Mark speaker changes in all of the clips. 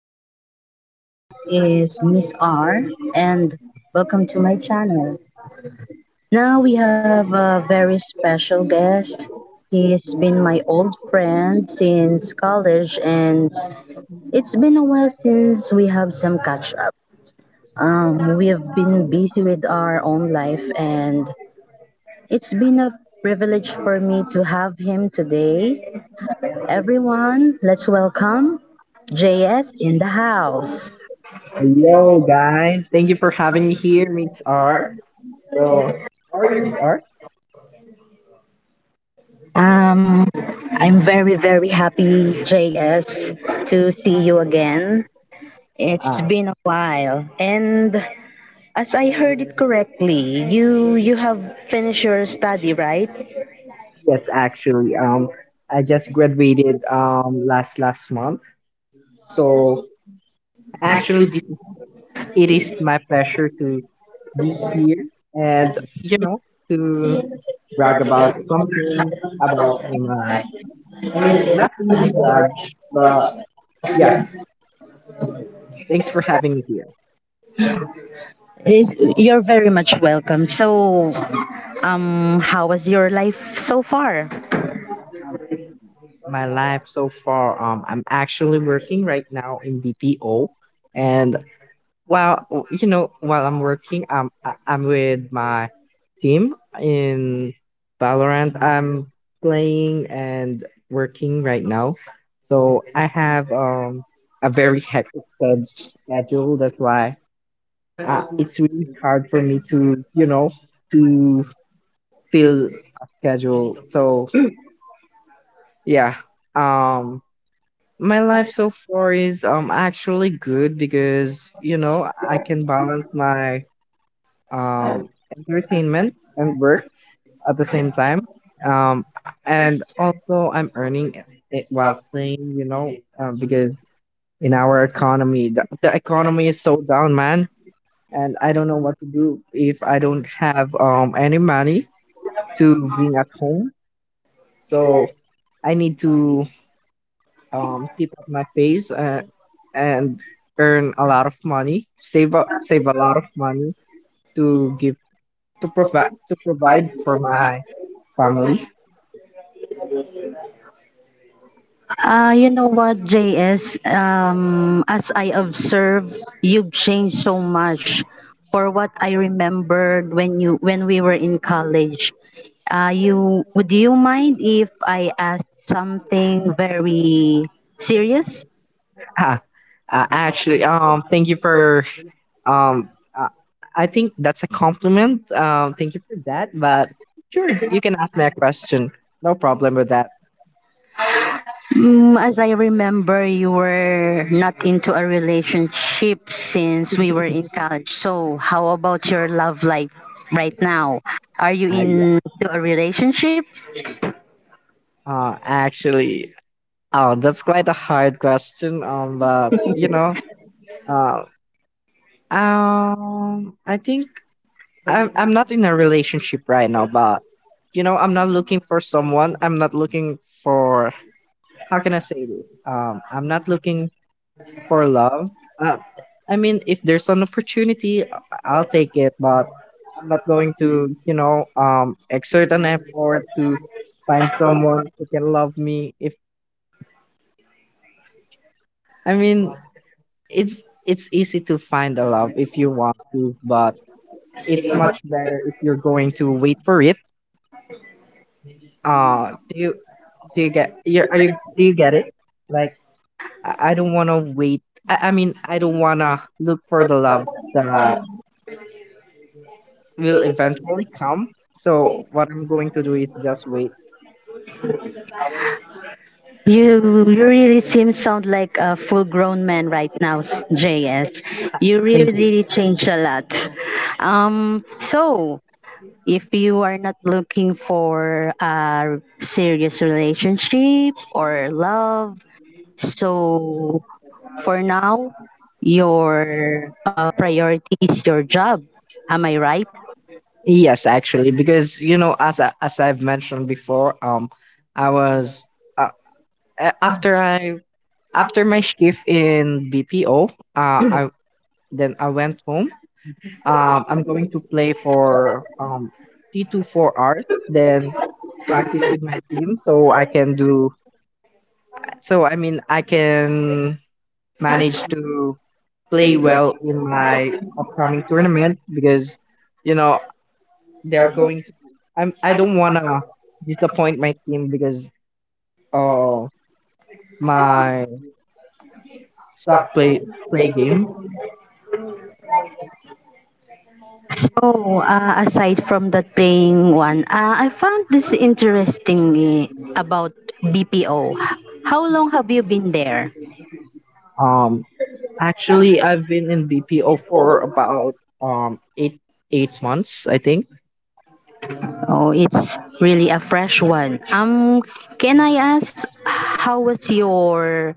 Speaker 1: Everyone, this is Miss R and welcome to my channel. Now we have a very special guest. He's been my old friend since college and it's been a while since we have some catch up. We have been busy with our own life and it's been a privilege for me to have him today everyone. Let's welcome JS in the house.
Speaker 2: Hello, guys. Thank you for having me here, Miss R. So, how are you, Miss R?
Speaker 1: Um, I'm very, very happy, JS, to see you again. It's
Speaker 2: Ah,
Speaker 1: been a while. And as I heard it correctly, you have finished your study, right?
Speaker 2: yes, actually, I just graduated last month. So, actually, this, it is my pleasure to be here and to brag about something about my. I mean, not really brag, but yeah. Thanks for having me here.
Speaker 1: You're very much welcome. So, how was your life so far?
Speaker 2: My life so far. I'm actually working right now in BPO, and while while I'm working, I'm with my team in Valorant. I'm playing and working right now, so I have a very hectic schedule. That's why it's really hard for me to to fill a schedule. So yeah, um My life so far is actually good because I can balance my um entertainment and work at the same time. Um and also I'm earning it while playing, because in our economy the economy is so down, man, and I don't know what to do if I don't have any money to bring at home. So I need to keep up my pace, and earn a lot of money, save up, save a lot of money to give to provide for my family.
Speaker 1: You know what, JS? As I observe, you've changed so much. For what I remembered when you when we were in college, you would you mind if I ask something very serious?
Speaker 2: Ah, actually, thank you for um, uh, I think that's a compliment. Thank you for that. But sure, you can ask me a question. No problem with that.
Speaker 1: As I remember, you were not into a relationship since we were in college. So, how about your love life right now? Are you
Speaker 2: Yeah.
Speaker 1: into a relationship?
Speaker 2: Actually, oh, that's quite a hard question. But uh, I think I'm not in a relationship right now, but I'm not looking for someone. I'm not looking for, how can I say this? I'm not looking for love. Um, I mean, if there's an opportunity, I'll take it, but I'm not going to, exert an effort to find someone who can love me. If I mean, it's easy to find a love if you want to, but it's much better if you're going to wait for it. Uh, do you do you get you are you Do you get it? Like I don't want to wait. I mean I don't want to look for the love that will eventually come. So what I'm going to do is just wait.
Speaker 1: You really seem sound like a full grown man right now, JS. You really
Speaker 2: Thank you.
Speaker 1: really changed a lot. Um, so if you are not looking for a serious relationship or love, so for now, your priority is your job. Am I right?
Speaker 2: Yes, actually, because as I've mentioned before, I was uh, a- after I after my shift in BPO, I then I went home. I'm going to play for 3 to 4 hours, then practice with my team so I can do. So I mean, I can manage to play well in my upcoming tournament because you know they're going to. I don't wanna disappoint my team because uh my suck play game.
Speaker 1: Oh, aside from that paying one, I found this interesting about BPO. How long have you been there?
Speaker 2: Um, Actually, I've been in BPO for about eight eight months, I think.
Speaker 1: Oh, it's really a fresh one. Can I ask how was your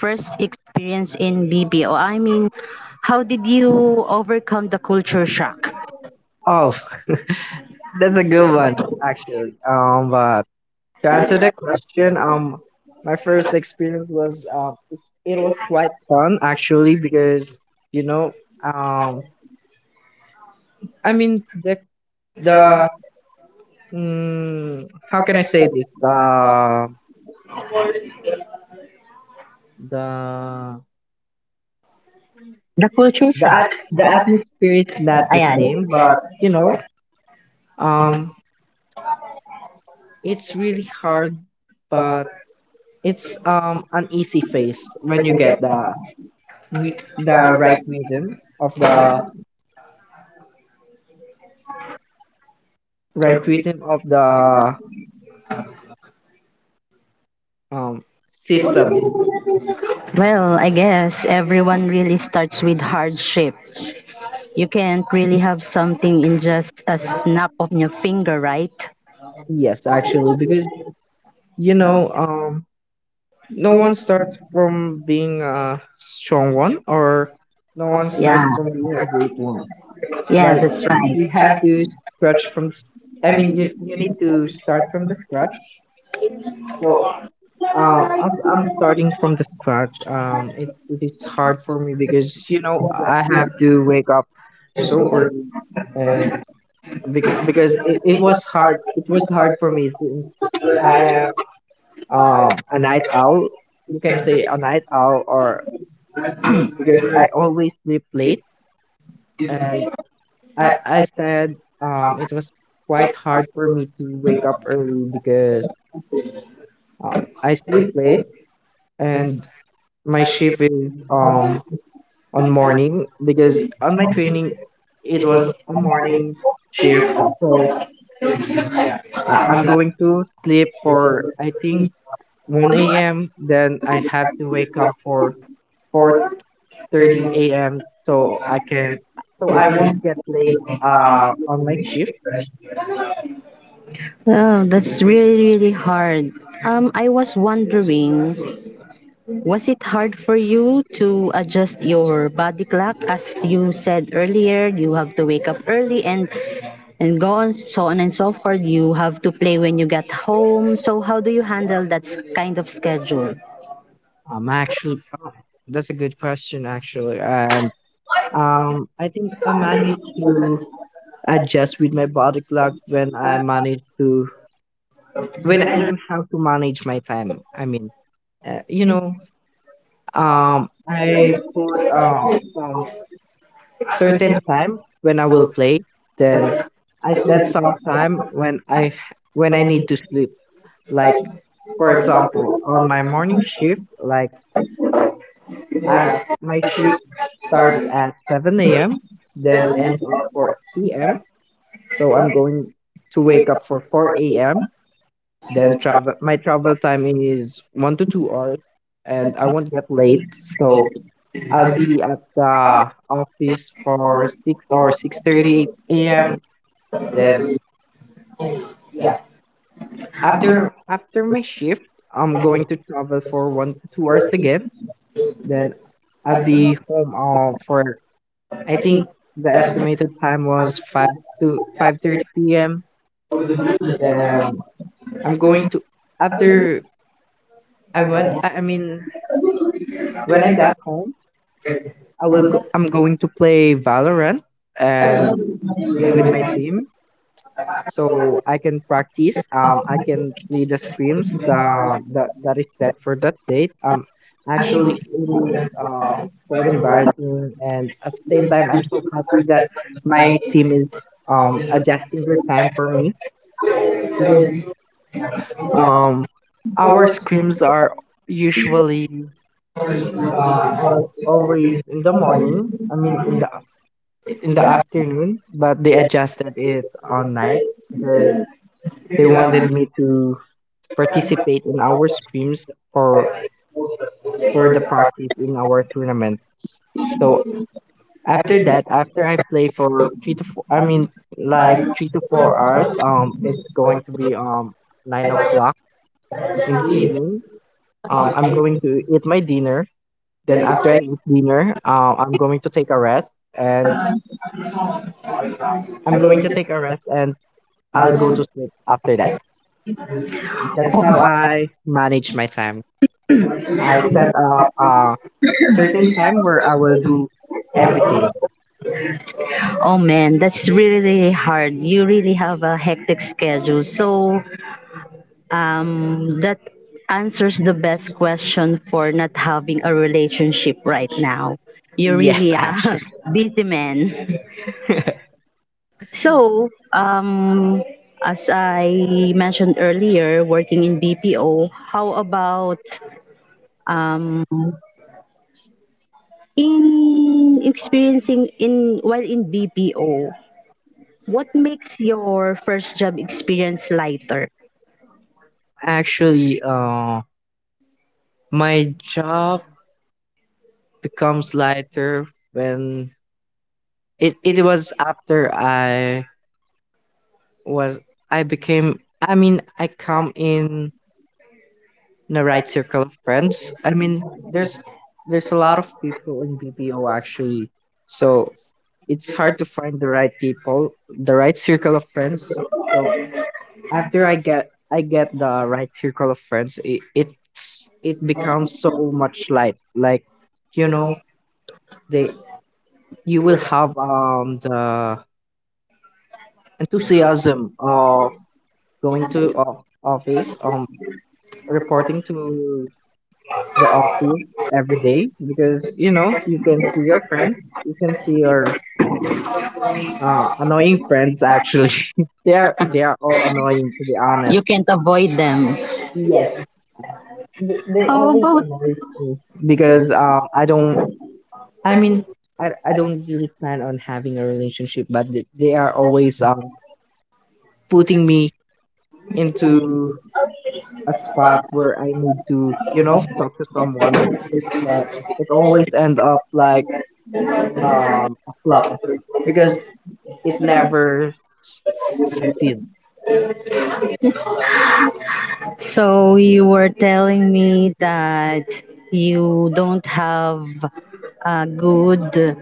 Speaker 1: first experience in BPO? I mean, how did you overcome the culture shock?
Speaker 2: Oh, that's a good one, actually. But to answer that question, my first experience was it was quite fun actually because you know, um, I mean the how can I say this? The
Speaker 1: The culture shock.
Speaker 2: the atmosphere is not the
Speaker 1: Ayan.
Speaker 2: same, but um, it's really hard, but it's an easy phase when you get the right rhythm of the system.
Speaker 1: Well, I guess everyone really starts with hardship. You can't really have something in just a snap of your finger, right?
Speaker 2: Yes, actually, because you know um no one starts from being a strong one, or no one starts
Speaker 1: Yeah,
Speaker 2: from being a great one.
Speaker 1: yeah,
Speaker 2: Like
Speaker 1: that's
Speaker 2: you
Speaker 1: right.
Speaker 2: have to stretch from I mean, you need to start from the scratch. So I'm starting from the scratch. It is hard for me because I have to wake up so early, and because it was hard. It was hard for me since I am a night owl. You can say a night owl, or because I always sleep late, and I said it was quite hard for me to wake up early because I sleep late, and my shift is on morning because on my training it was a morning shift. So, I'm going to sleep for I think 1 a.m. Then I have to wake up for 4:30 a.m. So I won't get late on my shift.
Speaker 1: Oh, that's really, really hard. I was wondering, was it hard for you to adjust your body clock? As you said earlier, you have to wake up early and go on so on and so forth. You have to play when you get home. So how do you handle that kind of schedule?
Speaker 2: Actually, that's a good question, actually. And I think I managed to adjust with my body clock when I managed to when I learn how to manage my time. I mean, uh, you know, I put some certain time when I will play. Then I set some time when I need to sleep. Like for example, on my morning shift, like I'm my shift starts at 7 a.m. Then ends at 4 p.m. So I'm going to wake up for 4 a.m. Then travel my travel time is 1 to 2 hours, and I won't get late. So I'll be at the office for 6 or 6:30 AM. Then yeah. After my shift, I'm going to travel for 1 to 2 hours again. Then I'll be home, for I think the estimated time was 5 to 5:30 PM. Then I'm going to after I went I mean when I got home I will. I'm going to play Valorant and play with my team, so I can practice. I can play the scrims that is set for that date. Actually, it is quite embarrassing, and at the same time, I'm so happy that my team is adjusting their time for me because um our scrims are usually always in the morning. I mean, in the afternoon, but they adjusted it on night because they wanted me to participate in our scrims for for the practice in our tournaments. So after that, after I play for I mean like 3 to 4 hours. It's going to be 9 o'clock in the evening. I'm going to eat my dinner. Then after I eat dinner, I'm going to take a rest, and I'll go to sleep after that. That's how I manage my time. I set up a certain time where I will do everything.
Speaker 1: Oh man, that's really, really hard. You really have a hectic schedule. So that answers the best question for not having a relationship right now. You're
Speaker 2: Yes,
Speaker 1: really
Speaker 2: actually.
Speaker 1: a busy man. So as I mentioned earlier, working in BPO, how about um, in experiencing in while in BPO, what makes your first job experience lighter?
Speaker 2: Actually, my job becomes lighter when it was after was I mean I come in a right circle of friends. I mean, there's a lot of people in BPO actually, so it's hard to find the right people, the right circle of friends. So after I get the right circle of friends, it becomes so much light. Like you know, they you will have the enthusiasm of going to office, reporting to the office every day because you can see your friends, you can see your annoying friends. Actually, they are all annoying, to be honest.
Speaker 1: You can't avoid them.
Speaker 2: Yes, they
Speaker 1: Oh,
Speaker 2: always
Speaker 1: both.
Speaker 2: annoy me because I don't. I mean, I don't really plan on having a relationship, but they are always putting me into a spot where I need to talk to someone, but it always end up like a flop because it never s- succeed.
Speaker 1: So you were telling me that you don't have a good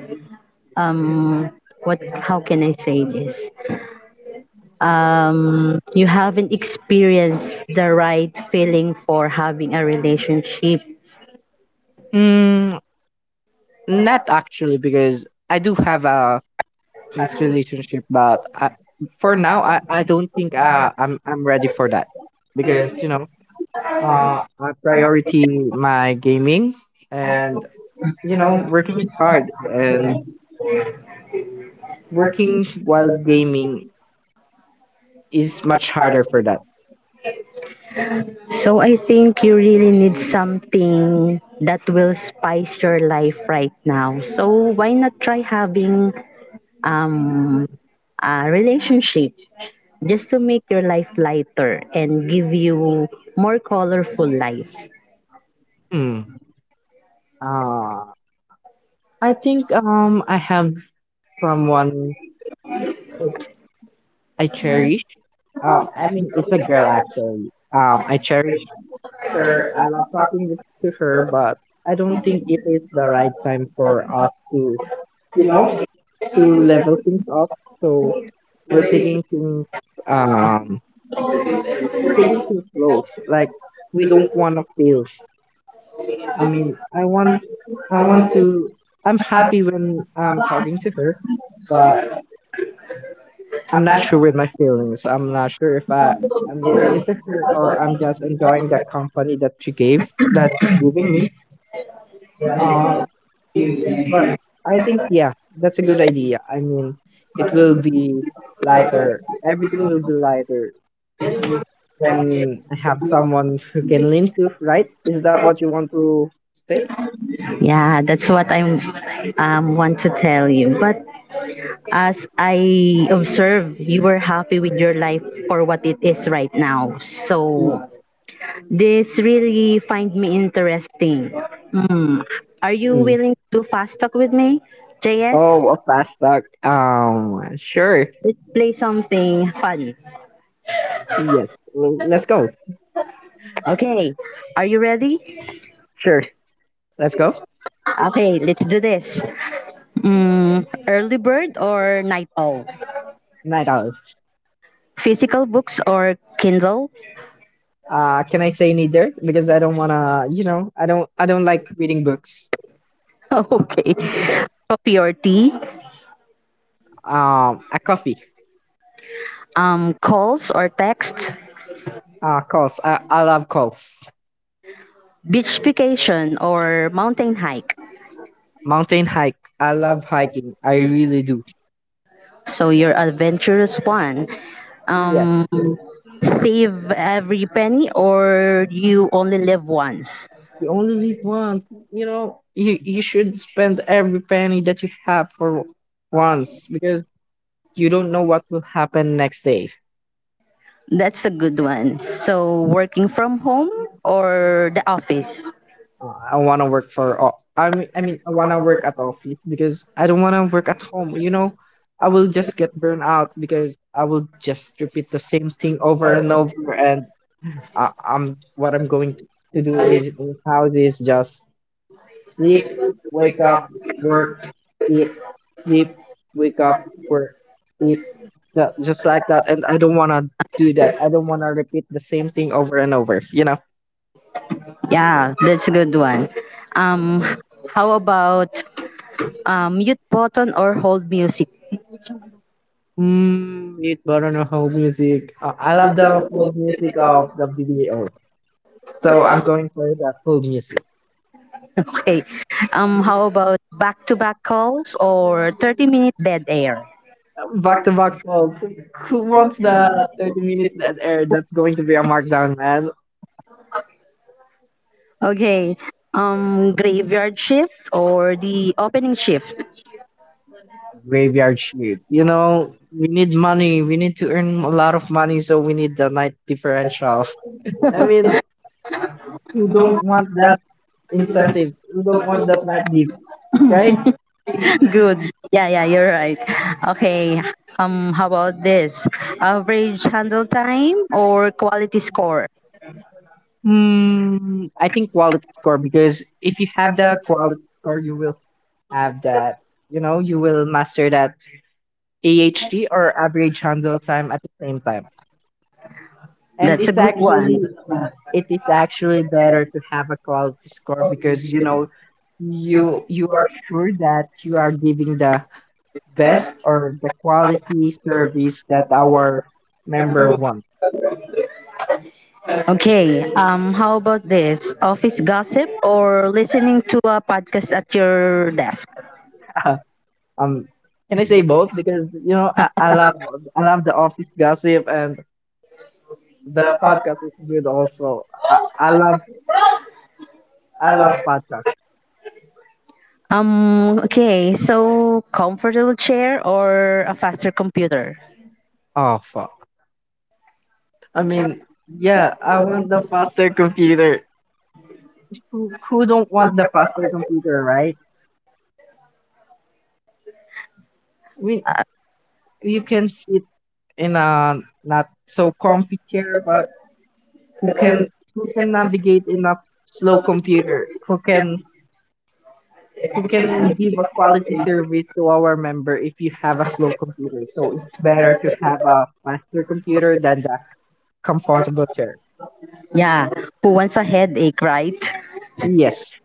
Speaker 1: um what how can I say this? You haven't experienced the right feeling for having a relationship.
Speaker 2: Mm, not actually, because I do have a first relationship, but for now, I don't think, I'm ready for that because I priority my gaming, and working is hard, and working while gaming is much harder for that.
Speaker 1: So I think you really need something that will spice your life right now. So why not try having um, relationship just to make your life lighter and give you more colorful life.
Speaker 2: Hmm. Uh, I think I have someone I cherish. I mean, it's a girl actually. I cherish her. I love talking to her, but I don't think it is the right time for us to, you know, to level things up. So we're taking things, um, we're taking things slow. Like we don't want to feel. I mean, I want to. I'm happy when I'm talking to her, but I'm not sure with my feelings. I'm not sure if I'm really into her, or I'm just enjoying the company that she's giving me. Uh, but I think, yeah, that's a good idea. I mean, it will be lighter. Everything will be lighter when I have someone who can lean to. Right? Is that what you want to say?
Speaker 1: Yeah, that's what I am want to tell you. But as I observe, you were happy with your life for what it is right now. So
Speaker 2: Mm,
Speaker 1: this really find me interesting. Hmm. Are you
Speaker 2: mm.
Speaker 1: willing to fast talk with me,
Speaker 2: Oh,
Speaker 1: JS?
Speaker 2: a fast talk. Sure.
Speaker 1: Let's play something fun.
Speaker 2: Yes. Let's go.
Speaker 1: Okay, are you ready?
Speaker 2: Sure. Let's go.
Speaker 1: Okay, let's do this. Early bird or night owl?
Speaker 2: Night owl.
Speaker 1: Physical books or Kindle?
Speaker 2: Can I say neither? Because I don't want to, you know, I don't like reading books.
Speaker 1: Okay. Coffee or tea?
Speaker 2: A coffee.
Speaker 1: Calls or text?
Speaker 2: Calls. I love calls.
Speaker 1: Beach vacation or mountain hike?
Speaker 2: Mountain hike. I love hiking, I really do.
Speaker 1: So your adventurous one.
Speaker 2: Yes.
Speaker 1: Um, Save every penny or you only live once?
Speaker 2: You only live once. You know, you should spend every penny that you have for once because you don't know what will happen next day.
Speaker 1: That's a good one. So working from home or the office?
Speaker 2: I want to work for. I want to work at office because I don't want to work at home. You know, I will just get burned out because I will just repeat the same thing over and over. And I, I'm what I'm going to, do is in house is just sleep, wake up, work, eat, sleep, wake up, work, eat, just like that. And I don't want to do that. I don't want to repeat the same thing over and over. You know.
Speaker 1: Yeah, that's a good one. Um, how about mute button or hold music?
Speaker 2: Mm, it's Barono whole music. I love the whole music of the video. So I'm going for the whole music.
Speaker 1: Okay. How about back-to-back calls or 30-minute dead air?
Speaker 2: Back to back songs. Who wants that 30 minutes that air? That's going to be a markdown, man.
Speaker 1: Okay. Graveyard shift or the opening shift?
Speaker 2: Graveyard shift. You know, we need money. We need to earn a lot of money, so we need the night differential. I mean, who don't want that incentive? Who don't want that night dip, right?
Speaker 1: Good. Yeah, yeah, you're right. Okay. How about this? Average handle time or quality score?
Speaker 2: Hmm, I think quality score because if you have the quality score, you will have that. You know, you will master that AHT or average handle time at the same time. And
Speaker 1: That's a good one.
Speaker 2: it is actually better to have a quality score because you know you are sure that you are giving the best or the quality service that our member wants.
Speaker 1: Okay, how about this? Office gossip or listening to a podcast at your desk?
Speaker 2: um can I say both? Because you know I love the office gossip and the podcast is good also. I love podcast.
Speaker 1: Okay, so comfortable chair or a faster computer?
Speaker 2: Oh fuck. I mean, yeah, I want the faster computer. Who don't want the faster computer, right? I mean,
Speaker 1: Uh,
Speaker 2: you can sit in a not so comfy chair but who can who can navigate in a slow computer? Who can give a quality service to our member if you have a slow computer. So it's better to have a faster computer than the comfortable chair.
Speaker 1: yeah, who wants a headache, right?
Speaker 2: Yes.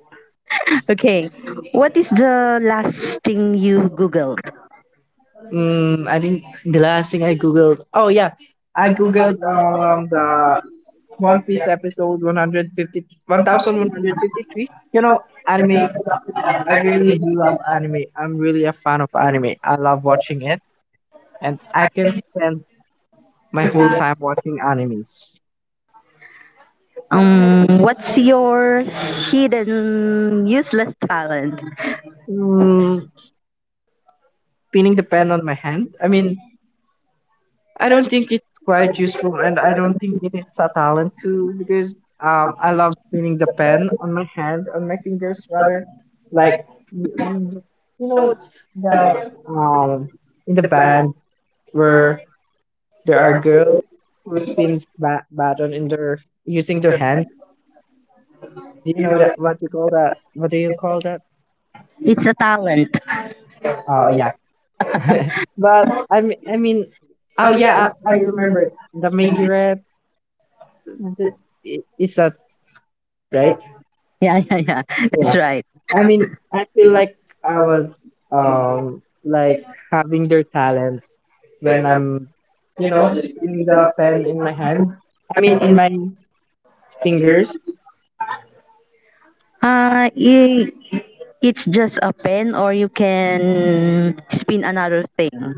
Speaker 1: Okay, what is the last thing you Googled?
Speaker 2: Mm, I think the last thing I googled. Oh yeah, I googled the One Piece episode 151,153. You know, anime. I really do love anime. I'm really a fan of anime. I love watching it, and I can spend my whole time watching animes.
Speaker 1: What's your hidden useless talent?
Speaker 2: Mm, pinning the pen on my hand. I mean, I don't think it's quite useful, and I don't think it is a talent too because I love spinning the pen on my hand on my fingers rather, like y- y- you know, the um in the band where there are girls who spins baton in their using their hands. Do you know that what you call that? What do you call that?
Speaker 1: It's a talent.
Speaker 2: Oh yeah, but I mean, oh yeah, I remember the majorette. Th- Is that right?
Speaker 1: Yeah, yeah, yeah. That's
Speaker 2: Yeah.
Speaker 1: right.
Speaker 2: I mean, I feel like I was like having their talent when I'm, you know, spinning the pen in my hand. I mean, in my fingers.
Speaker 1: Uh, i- it's just a pen or you can spin another thing.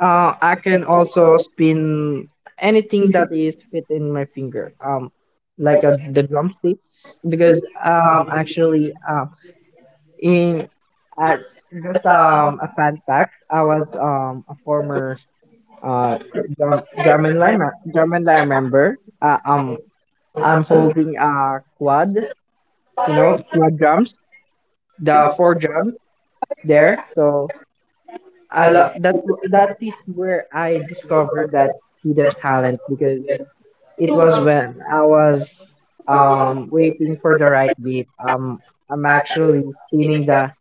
Speaker 2: I can also spin anything that is within my finger. Like the drumsticks because actually in at just a fun fact, I was a former uh drum and I remember I'm holding a quad, you know, quad drums, the four drums there. So I lo- that that is where I discovered that hidden talent because it was when I was waiting for the right beat. I'm actually spinning the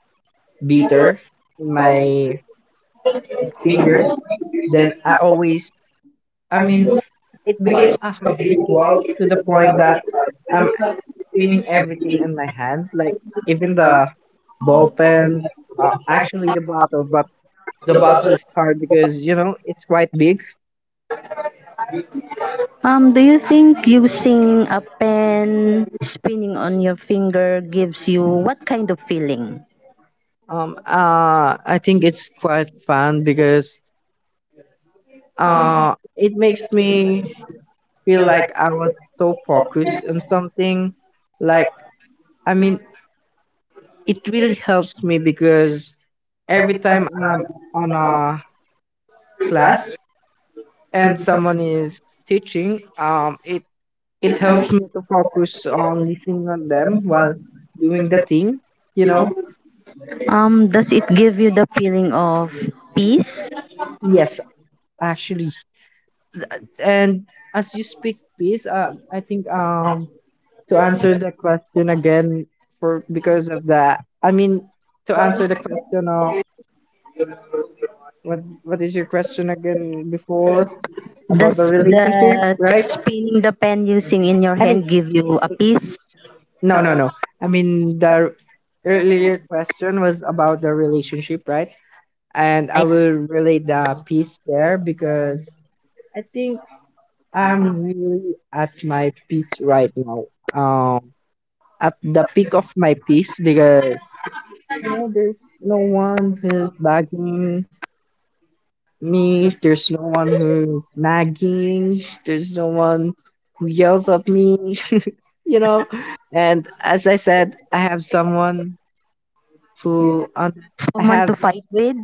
Speaker 2: beater in my fingers. Then I always I mean, it became a habit wall to the point that I'm cleaning everything in my hand, like even the ball pens, actually the bottle, but the bottle is hard because you know it's quite big.
Speaker 1: Do you think using a pen spinning on your finger gives you what kind of feeling?
Speaker 2: I think it's quite fun because it makes me feel like I was so focused on something. Like, I mean, it really helps me because every time I'm on a class and someone is teaching, it helps me to focus on listening on them while doing the thing. You know.
Speaker 1: Does it give you the feeling of peace?
Speaker 2: Yes, actually, Th- and as you speak, please, I think to answer the question again for because of that. I mean, to answer the question of what is your question again before about
Speaker 1: Does
Speaker 2: the relationship,
Speaker 1: the
Speaker 2: right?
Speaker 1: spinning the pen using in your
Speaker 2: I mean.
Speaker 1: hand give you a peace?
Speaker 2: No, no, no. I mean, the earlier question was about the relationship, right? And
Speaker 1: I
Speaker 2: I will relate the peace there because I think I'm really at my peace right now. Um, at the peak of my peace because you know there's no one who's bugging me. There's no one who's nagging. There's no one who yells at me. You know, and as I said, I have someone who I
Speaker 1: someone
Speaker 2: have
Speaker 1: to fight with?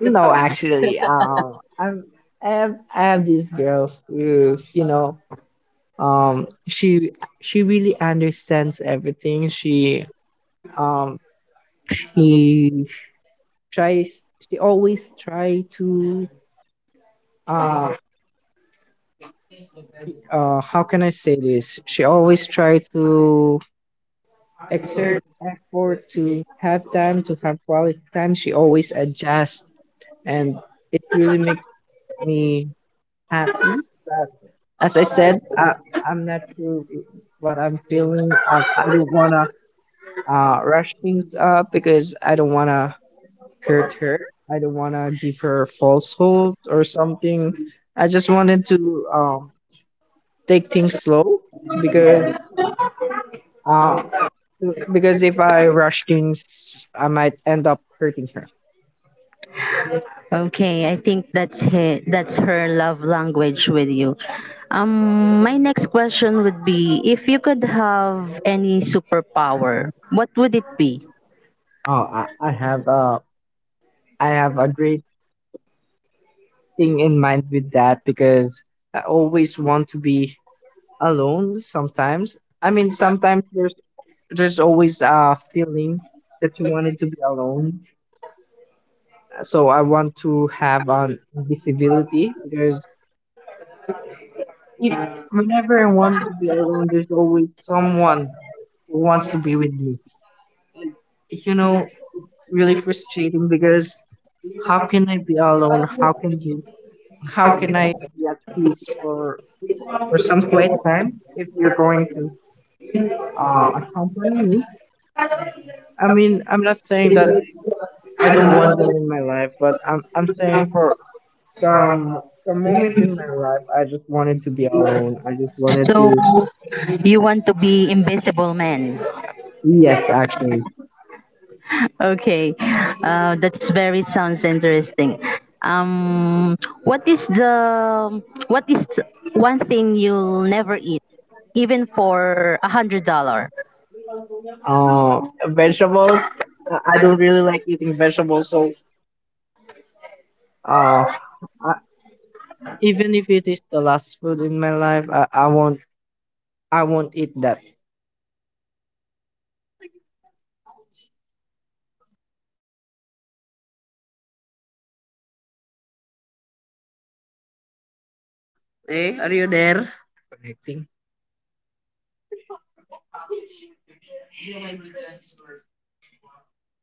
Speaker 2: no, actually I have this girl who you know um she she really understands everything. She um she tries she always try to um how can I say this? She always try to exert effort to have time to have quality time. She always adjusts, and it really makes me happy. But as I said, I'm not sure if it's what I'm feeling. I don't want to rush things up because I don't want to hurt her. I don't want to give her false hope or something. I just wanted to take things slow because uh, because if I rush things, I might end up hurting her. Oh,
Speaker 1: Okay, I think that's her love language with you. My next question would be if you could have any superpower, what would it be?
Speaker 2: I, I have a I have a great thing in mind with that because I always want to be alone sometimes. I mean, sometimes there's always a feeling that you wanted to be alone. So I want to have an invisibility because if whenever I wanted to be alone, there's always someone who wants to be with me. And you know, really frustrating because how can I be alone? How can I be at peace for some quiet time if you're going to accompany me? I mean, I'm not saying that I don't want them in my life, but I'm saying for some some moment in my life, I just wanted to be alone. I just wanted
Speaker 1: So
Speaker 2: to.
Speaker 1: you want to be invisible man?
Speaker 2: Yes, actually,
Speaker 1: Okay, that's very sounds interesting. Um, what is the what is one thing you'll never eat, even for $100?
Speaker 2: uh, vegetables. I don't really like eating vegetables, so uh, I, even if it is the last food in my life, I won't eat that. Hey, are you there? Connecting.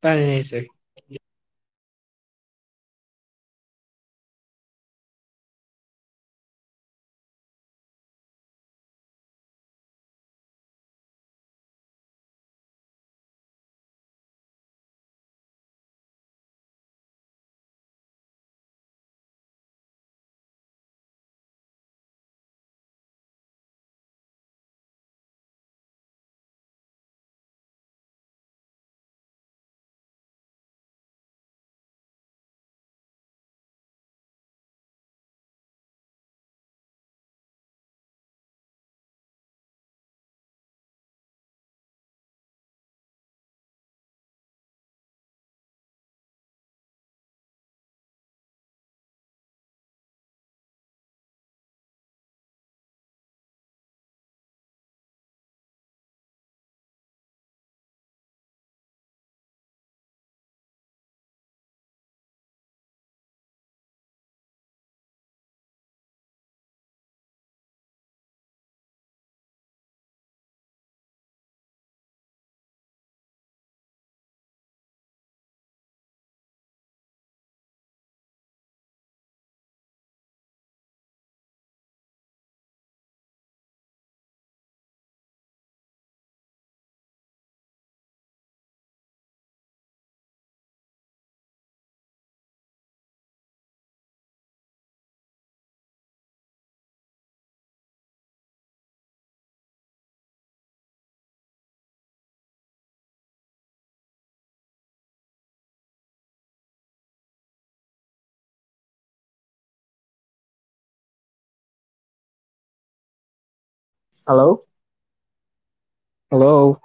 Speaker 2: Paninese. Hello? Hello.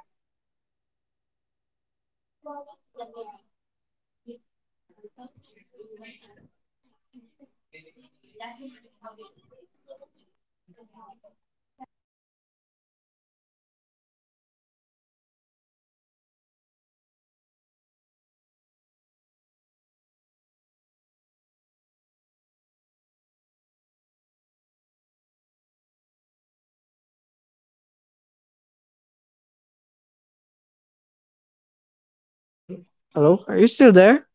Speaker 2: Hello? Are you still there?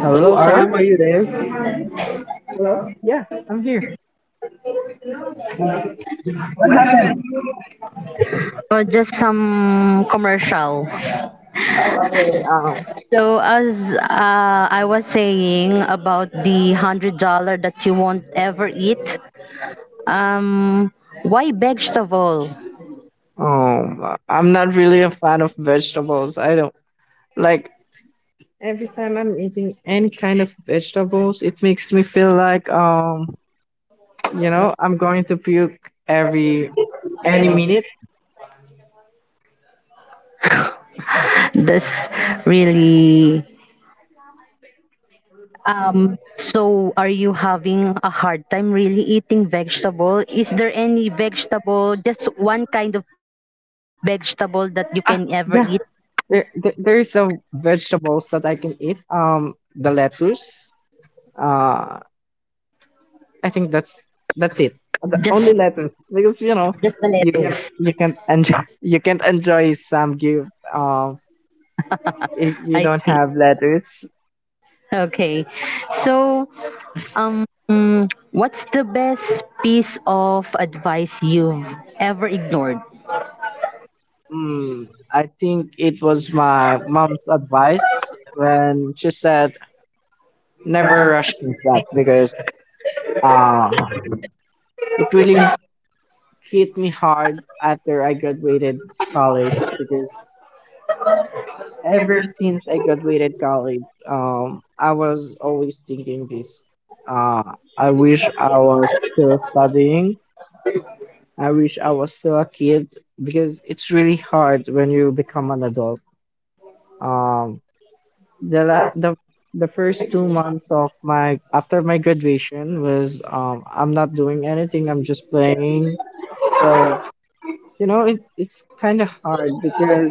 Speaker 2: Hello,
Speaker 1: Hello,
Speaker 2: R?
Speaker 1: Sam. Are you there?
Speaker 2: Hello? Yeah, I'm here. Hello. What happened?
Speaker 1: Oh, just some commercial.
Speaker 2: Okay.
Speaker 1: So as I was saying about the $100 that you won't ever eat, um, why vegetable?
Speaker 2: I'm not really a fan of vegetables. I don't like Every time I'm eating any kind of vegetables, it makes me feel like You know, I'm going to puke every any minute.
Speaker 1: This really. So are you having a hard time really eating vegetable? Is there any vegetable, just one kind of vegetable that you
Speaker 2: Ah,
Speaker 1: can ever
Speaker 2: yeah.
Speaker 1: eat?
Speaker 2: There's a vegetables that I can eat. The lettuce. Uh, I think that's it. The only
Speaker 1: Just,
Speaker 2: lettuce because you know
Speaker 1: just the
Speaker 2: you can
Speaker 1: lettuce.
Speaker 2: you can enjoy you can't enjoy samgyup. If you
Speaker 1: I
Speaker 2: don't
Speaker 1: think.
Speaker 2: have lettuce.
Speaker 1: Okay. So, what's the best piece of advice you've ever ignored?
Speaker 2: Mm, I think it was my mom's advice when she said never rush things up because uh, it really hit me hard after I graduated college because ever since I graduated college, I was always thinking this. I wish I was still studying. I wish I was still a kid because it's really hard when you become an adult. Um, the la- the first 2 months of my after my graduation was I'm not doing anything. I'm just playing. So you know it's kind of hard because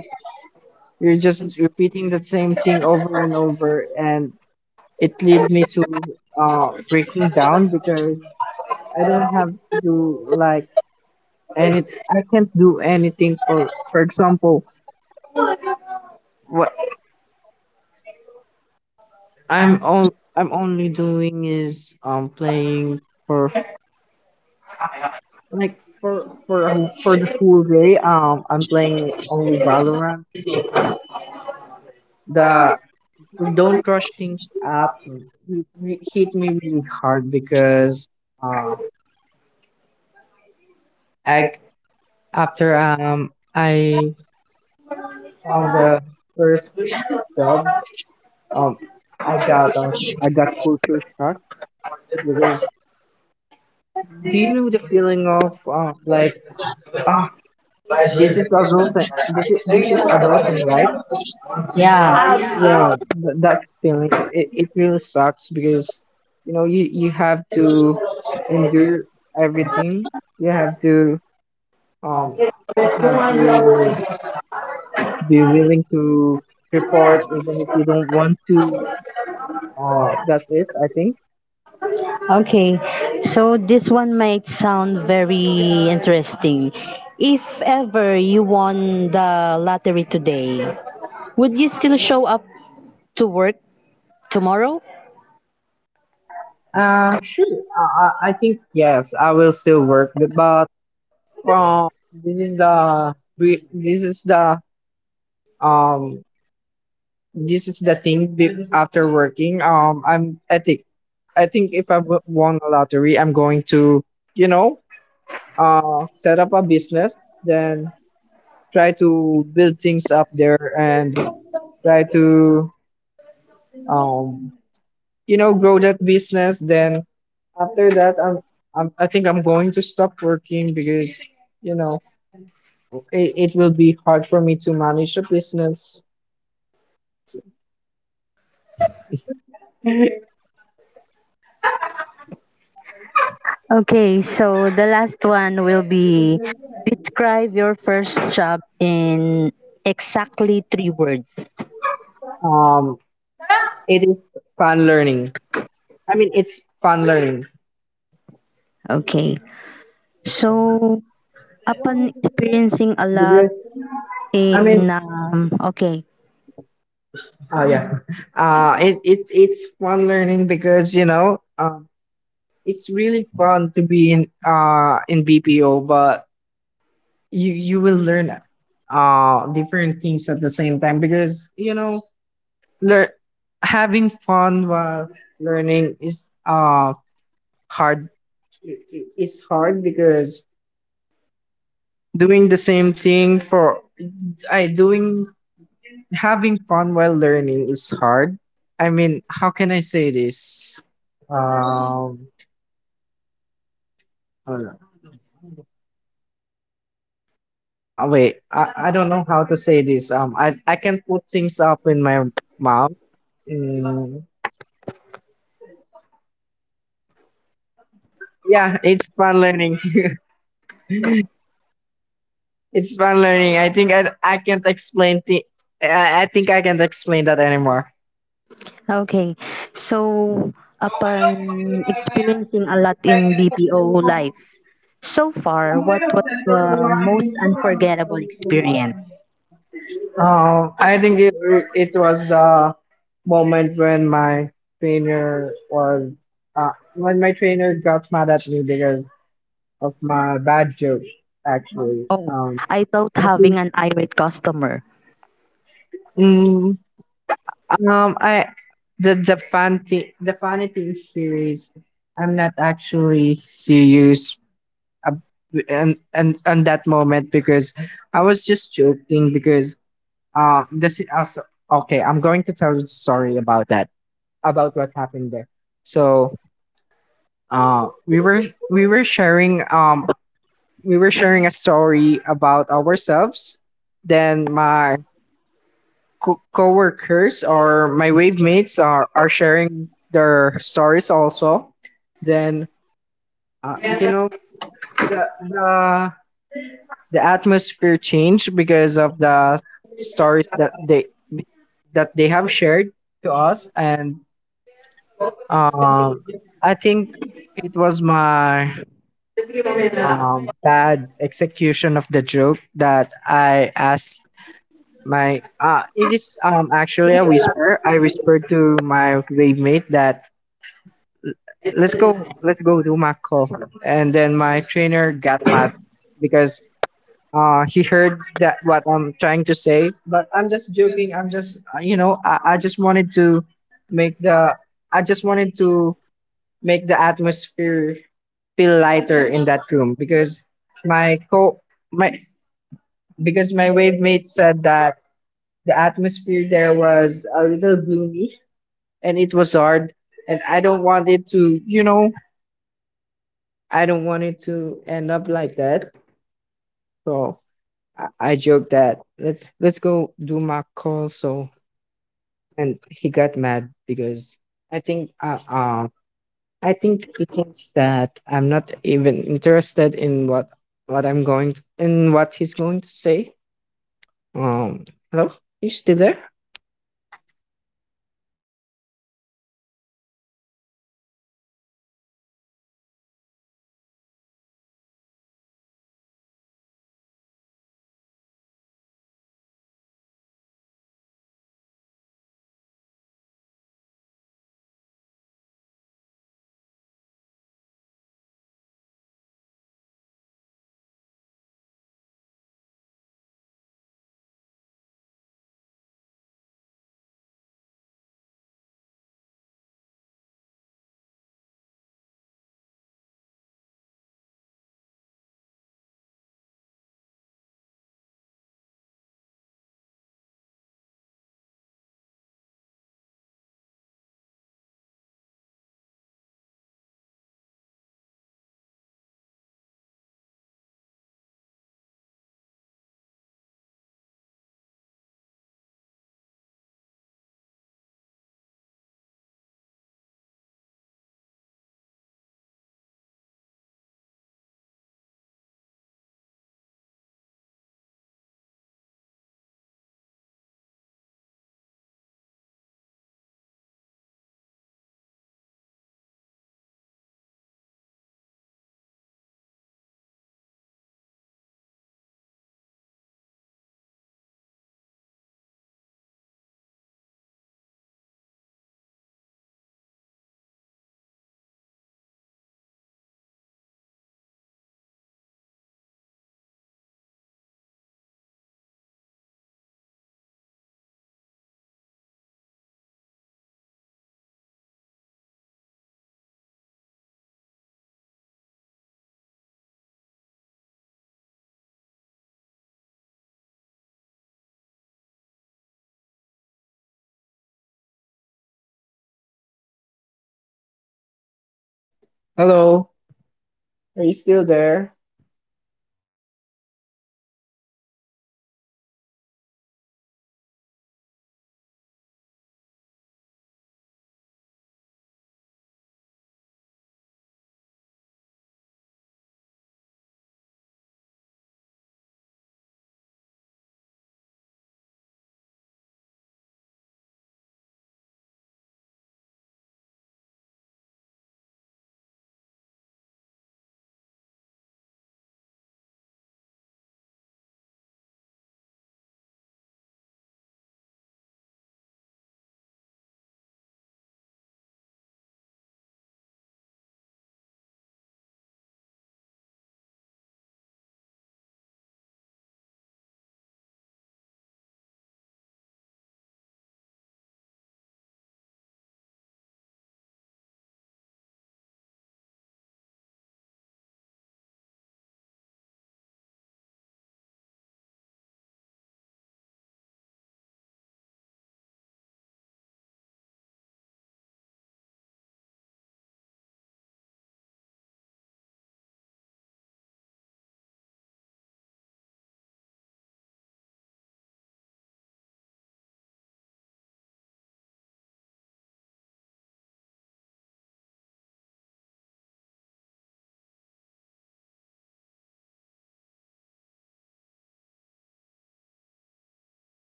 Speaker 2: you're just repeating the same thing over and over and it led me to breaking down because I don't have to do like any. I can't do anything for example what I'm all I'm only doing is playing for like for the whole day I'm playing only Valorant so the don't rush things up hit me really hard because uh I after I on the first job, um, I got uh, I got culture shock because do you know the feeling of like ah this is adulting. This is adulting, right?
Speaker 1: Yeah.
Speaker 2: Yeah. That feeling, it really sucks because you know you have to endure everything. you have to um you have to be willing to report even if you don't want to. That's it, I think.
Speaker 1: Okay. So this one might sound very interesting. If ever you won the lottery today, would you still show up to work tomorrow?
Speaker 2: Sure. I think yes, I will still work, but from um this is the thing be- after working. I think if won a lottery, I'm going to you know set up a business, then try to build things up there and try to um you know, grow that business. Then after that, I think I'm going to stop working because you know it will be hard for me to manage a business.
Speaker 1: Okay, so the last one will be describe your first job in exactly three words.
Speaker 2: um it is fun learning. I mean, it's fun learning
Speaker 1: Okay. So, upon experiencing a lot
Speaker 2: because I mean,
Speaker 1: in okay.
Speaker 2: oh yeah, it's fun learning because you know it's really fun to be in BPO, but you will learn different things at the same time because you know lear- having fun while learning is hard. Is hard because doing the same thing for I doing having fun while learning is hard. I mean, how can I say this? um Hold on. Wait, I don't know how to say this. I can put things up in my mouth. Mm, yeah, it's fun learning. It's fun learning. I think I can't explain. I think I can't explain that anymore.
Speaker 1: Okay. So, upon experiencing a lot in BPO life. So far, what was the most unforgettable experience?
Speaker 2: I think it was the moment when my trainer was when my trainer got mad at me because of my bad joke. Actually,
Speaker 1: Oh, I thought
Speaker 2: I think,
Speaker 1: having an irate customer.
Speaker 2: mm, I the funny thing here is I'm not actually serious, ab- and that moment because I was just joking because this is also okay. I'm going to tell you a story about that about what happened there. So uh we were we were sharing um we were sharing a story about ourselves. Then my coworkers or my wave mates are sharing their stories also. Then you know, the the the atmosphere changed because of the stories that they have shared to us and um I think it was my bad execution of the joke that I asked my it is actually a whisper. I whispered to my grade mate that let's go do math call. And then my trainer got mad because he heard that what I'm trying to say. But I'm just joking. I'm just, you know, I just wanted to make the I just wanted to make the atmosphere feel lighter in that room because my co my because my wave mate said that the atmosphere there was a little gloomy and it was hard and I don't want it to, you know, I don't want it to end up like that. So I joke that let's go do my call so. And he got mad because I think uh, uh I think he thinks that I'm not even interested in what I'm going to, in what he's going to say. Um, hello, are you still there? Hello, are you still there?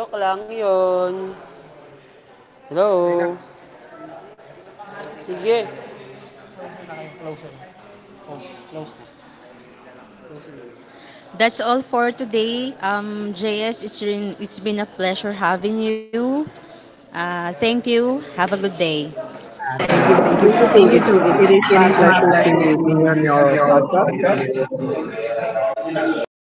Speaker 1: Joke lang yun. Hello? Sige.
Speaker 2: Thank you, thank you too.
Speaker 1: Thank you, Judith.
Speaker 2: It is my
Speaker 1: It is my
Speaker 2: pleasure
Speaker 1: pleasure
Speaker 2: to be on
Speaker 1: to
Speaker 2: your
Speaker 1: be
Speaker 2: podcast.
Speaker 1: your